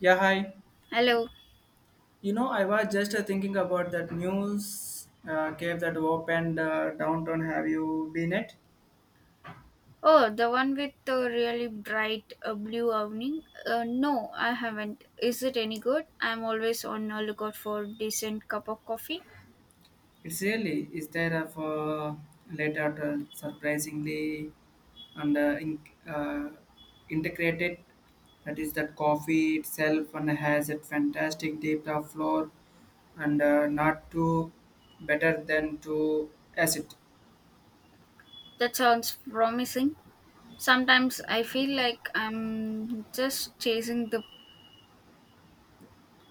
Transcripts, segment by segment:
Yeah, hi. Hello. I was just thinking about that news cave that opened downtown. Have you been it? Oh, the one with the really bright blue awning? No, I haven't. Is it any good? I'm always on a lookout for decent cup of coffee. It's really is there a for later to surprisingly and in, uh, integrated. That is that coffee itself and has a fantastic deep of floor and not too better than to acid. That sounds promising. Sometimes I feel like I'm just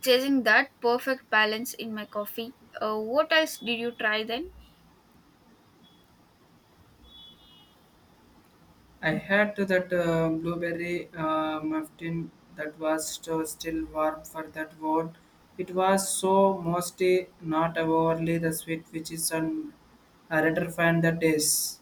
chasing that perfect balance in my coffee. What else did you try then? I had that blueberry muffin that was still warm for that word. It was so mostly not overly the sweet, which is an I rather fan that is.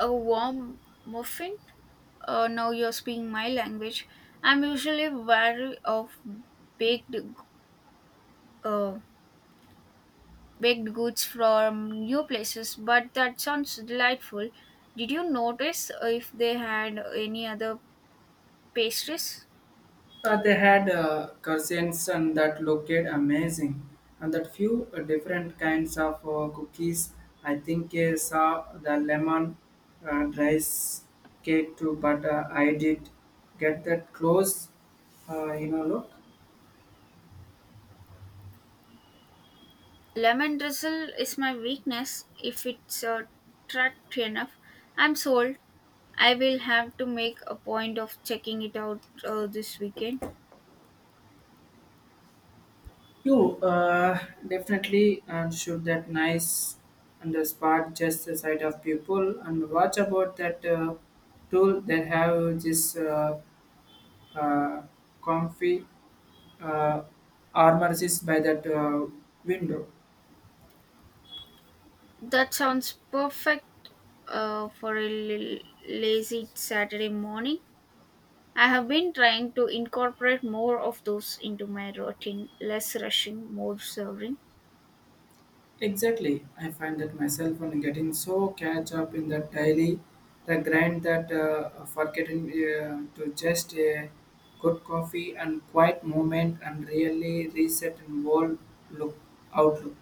A warm muffin? Now you're speaking my language. I'm usually wary of baked uh, baked goods from new places, but that sounds delightful. Did you notice if they had any other pastries? They had cuisines and that looked amazing, and that few different kinds of cookies. I think I saw the lemon rice cake too, but I did get that close, look. Lemon drizzle is my weakness. If it's tracked enough, I'm sold. I will have to make a point of checking it out this weekend. You definitely and should that nice and the spot just the side of people and watch about that tool that have this uh, comfy uh, armor is by that window. That sounds perfect for a lazy Saturday morning. I have been trying to incorporate more of those into my routine, less rushing, more serving. Exactly. I find that myself on getting so catch up in the daily, the grind that forgetting to just a good coffee and quiet moment and really reset and world look outlook.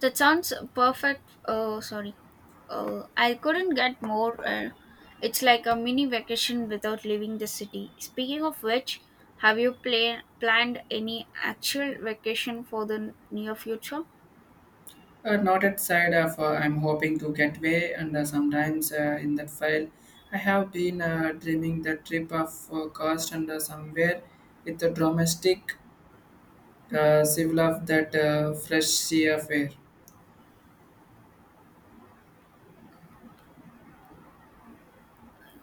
That sounds perfect. Sorry, I couldn't get more. It's like a mini vacation without leaving the city. Speaking of which, have you planned any actual vacation for the near future? Not at side of I'm hoping to get away, and sometimes in that file I have been dreaming the trip of cost and somewhere with the domestic civil of that fresh sea of air.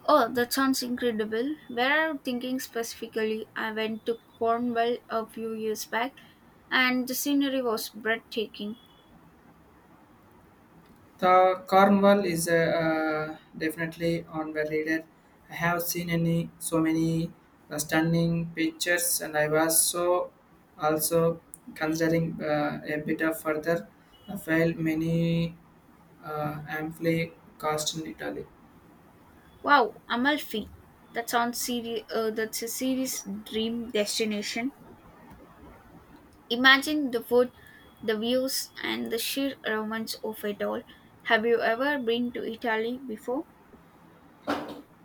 Oh, that sounds incredible. Where I'm thinking specifically, I went to Cornwall a few years back and the scenery was breathtaking. The Cornwall is definitely on the leader. I have seen any so many stunning pictures, and I was so also considering a bit of further file many amply cost in Italy. Wow, Amalfi. That sounds that's a serious dream destination. Imagine the food, the views, and the sheer romance of it all. Have you ever been to Italy before?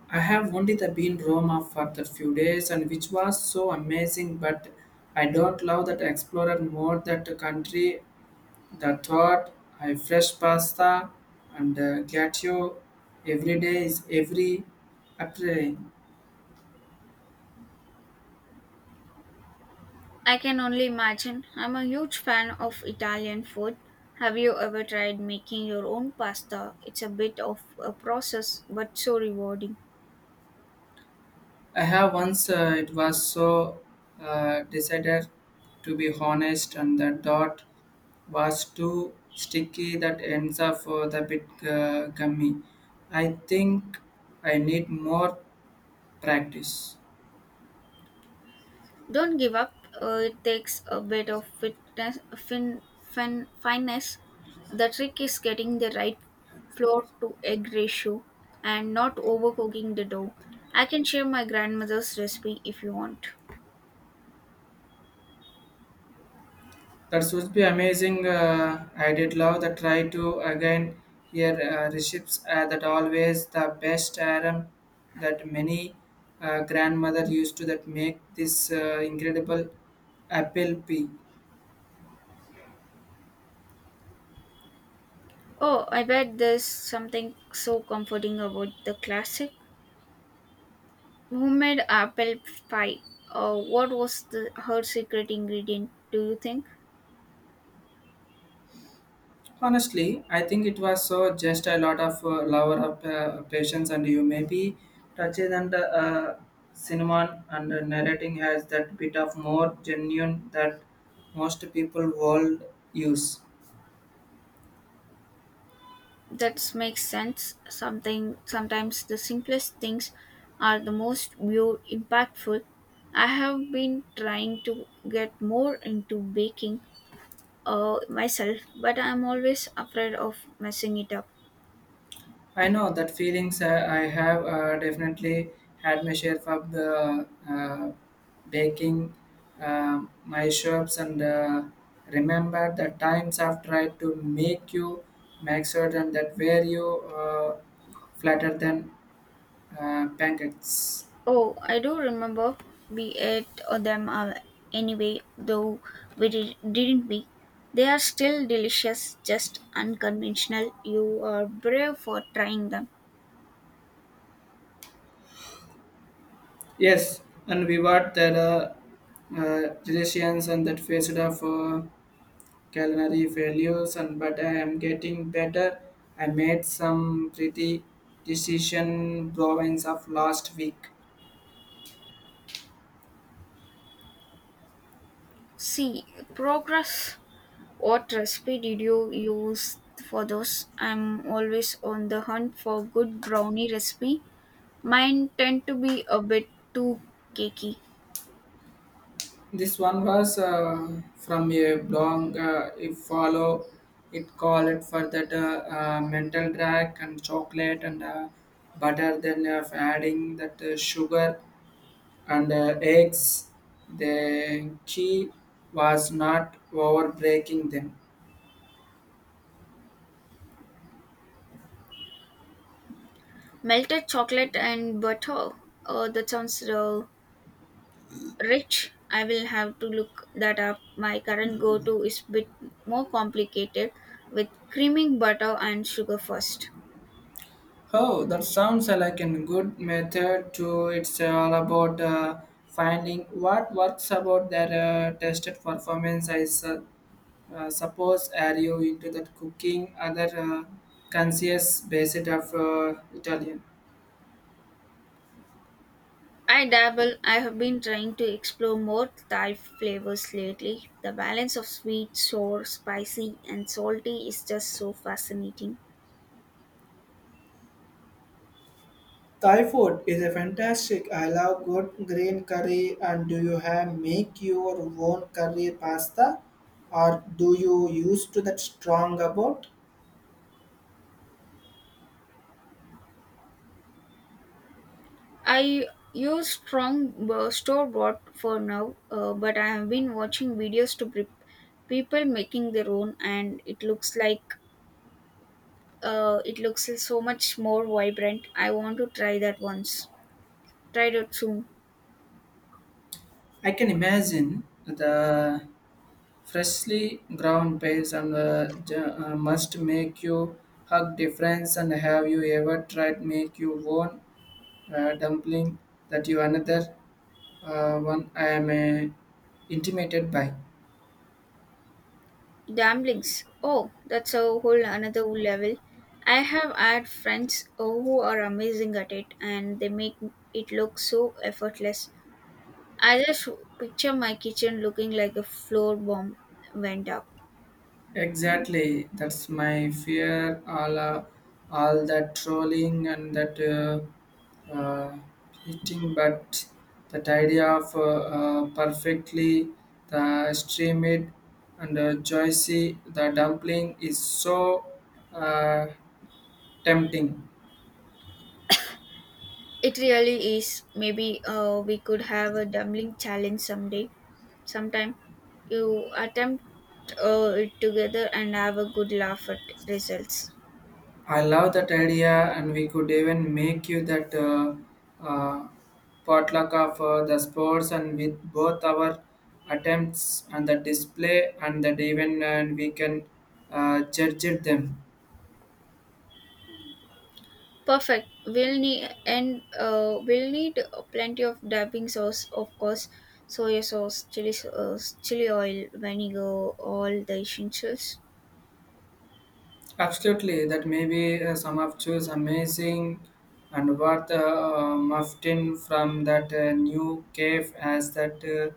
I have only the been Roma for the few days, and which was so amazing. But I don't love that explorer more that country. The thought, I fresh pasta and gatto every day is every appealing. I can only imagine. I'm a huge fan of Italian food. Have you ever tried making your own pasta? It's a bit of a process, but so rewarding. I have once it was so decided to be honest and the dot was too sticky that ends up for the bit gummy. I think I need more practice. Don't give up. It takes a bit of fineness. The trick is getting the right flour to egg ratio and not overcooking the dough. I can share my grandmother's recipe if you want. That would be amazing. I did love the try to again here recipes that always the best aram that many grandmother used to that make this incredible apple pie. Oh, I bet there's something so comforting about the classic homemade apple pie. What was the her secret ingredient? Do you think? Honestly, I think it was so just a lot of lover of patience and you maybe touches and cinnamon and narrating has that bit of more genuine that most people world use. That makes sense. Something sometimes the simplest things are the most view impactful. I have been trying to get more into baking myself, but I'm always afraid of messing it up. I know that feelings I have definitely had my share of the baking my shops and remember the times I've tried to make you make certain that where you uh, flatter than pancakes. Oh, I do remember we ate them anyway, though we didn't we? They are still delicious, just unconventional. You are brave for trying them. Yes, and we were there relations and that faced off. Culinary failures and but I am getting better. I made some pretty decision province of last week. See, progress. What recipe did you use for those? I'm always on the hunt for good brownie recipe. Mine tend to be a bit too cakey. This one was from a blog if follow it called for that mental drag and chocolate and butter then adding that sugar and eggs the key was not over breaking them. Melted chocolate and butter. That sounds rich. I will have to look that up. My current go-to is bit more complicated with creaming butter and sugar first. Oh, that sounds like a good method too. It's all about finding what works about their tested performance. Suppose are you into that cooking other conscious basis of Italian. I dabble. I have been trying to explore more Thai flavors lately. The balance of sweet, sour, spicy, and salty is just so fascinating. Thai food is a fantastic. I love good green curry. And do you have make your own curry pasta, or do you use to that strong about? I use strong store bought for now, but I have been watching videos to people making their own, and it looks like it looks so much more vibrant. I want to try that once. Try it soon. I can imagine the freshly ground pains and must make you hug difference. And have you ever tried make you own dumpling that you another one I am intimidated by? Dumplings. Oh, that's a whole another level. I have had friends oh, who are amazing at it and they make it look so effortless. I just picture my kitchen looking like a floor bomb went up. Exactly, that's my fear. All that trolling and that hitting, but that idea of perfectly the steamed and juicy the dumpling is so uh, tempting. It really is. Maybe we could have a dumpling challenge someday. Sometime you attempt it together and have a good laugh at results. I love that idea, and we could even make you that uh, potluck of the sports, and with both our attempts and the display and that even, and we can judge it them. Perfect. We'll need plenty of dabbing sauce, of course, soy sauce, chili oil, vinegar, all the essentials. Absolutely, that may be some of choose amazing and worth muffin from that new cave as that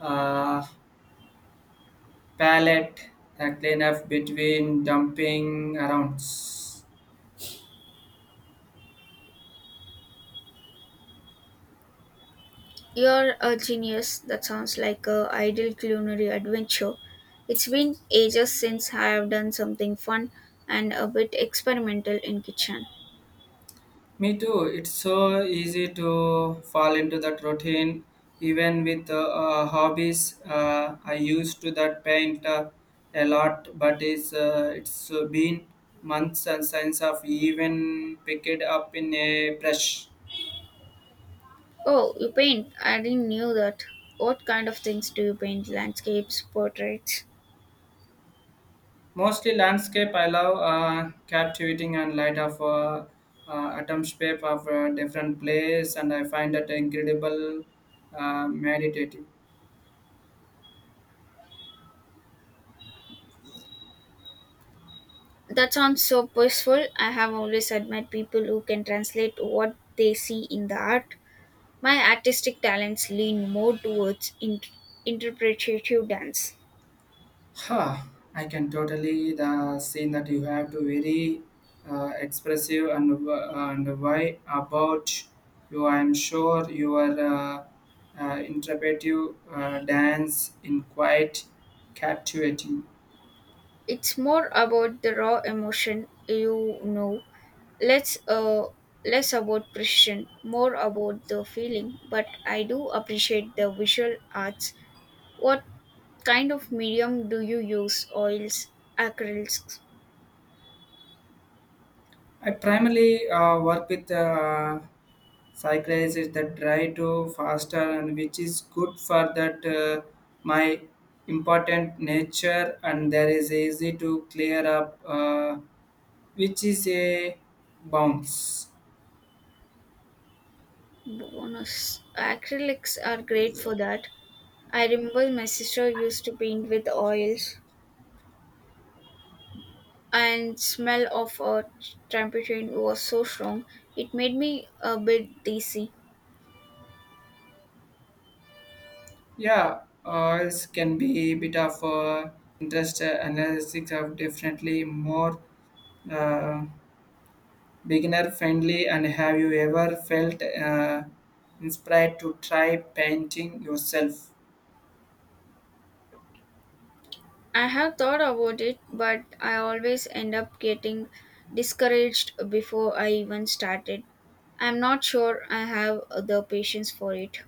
uh, uh, palette that clean up between dumping arounds. You're a genius. That sounds like a ideal culinary adventure. It's been ages since I have done something fun and a bit experimental in kitchen. Me too. It's so easy to fall into that routine, even with hobbies. I used to that paint a lot, but it's been months and since I've even picked it up in a brush. Oh, you paint? I didn't knew that. What kind of things do you paint? Landscapes, portraits? Mostly landscape. I love captivating and light of atmosphere of different place, and I find that incredible meditative. That sounds so peaceful. I have always admired people who can translate what they see in the art. My artistic talents lean more towards interpretative dance. Huh, I can totally the scene that you have to very expressive and and why about you. I am sure your interpretive dance in quite captivating. It's more about the raw emotion, you know, less uh, less about precision, more about the feeling. But I do appreciate the visual arts. What kind of medium do you use? Oils, acrylics, I primarily work with psychiatrists that try to faster and which is good for that my important nature and there is easy to clear up. Which is a bounce. bonus. Acrylics are great for that. I remember my sister used to paint with oils and smell of a turpentine was so strong it made me a bit dizzy. Yeah, it can be a bit of interest analysis of definitely more uh, beginner friendly. And have you ever felt inspired to try painting yourself? I have thought about it but I always end up getting discouraged before I even started. I'm not sure I have the patience for it.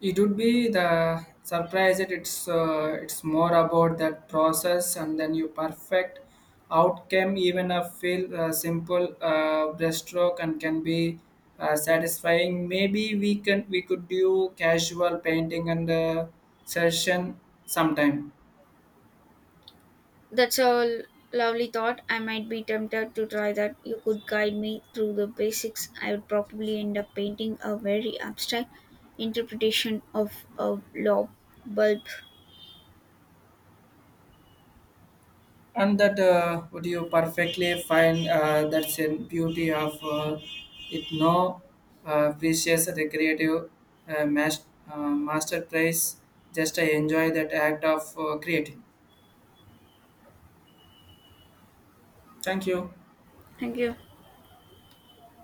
It would be the surprise that it's more about that process and then you perfect outcome even a feel simple breaststroke and can be satisfying. Maybe we could do casual painting and session sometime. That's a lovely thought. I might be tempted to try that. You could guide me through the basics. I would probably end up painting a very abstract interpretation of a lob bulb. And that would you perfectly find that's in beauty of it no precious recreative uh, mas- masterpiece just enjoy that act of creating thank you. Thank you.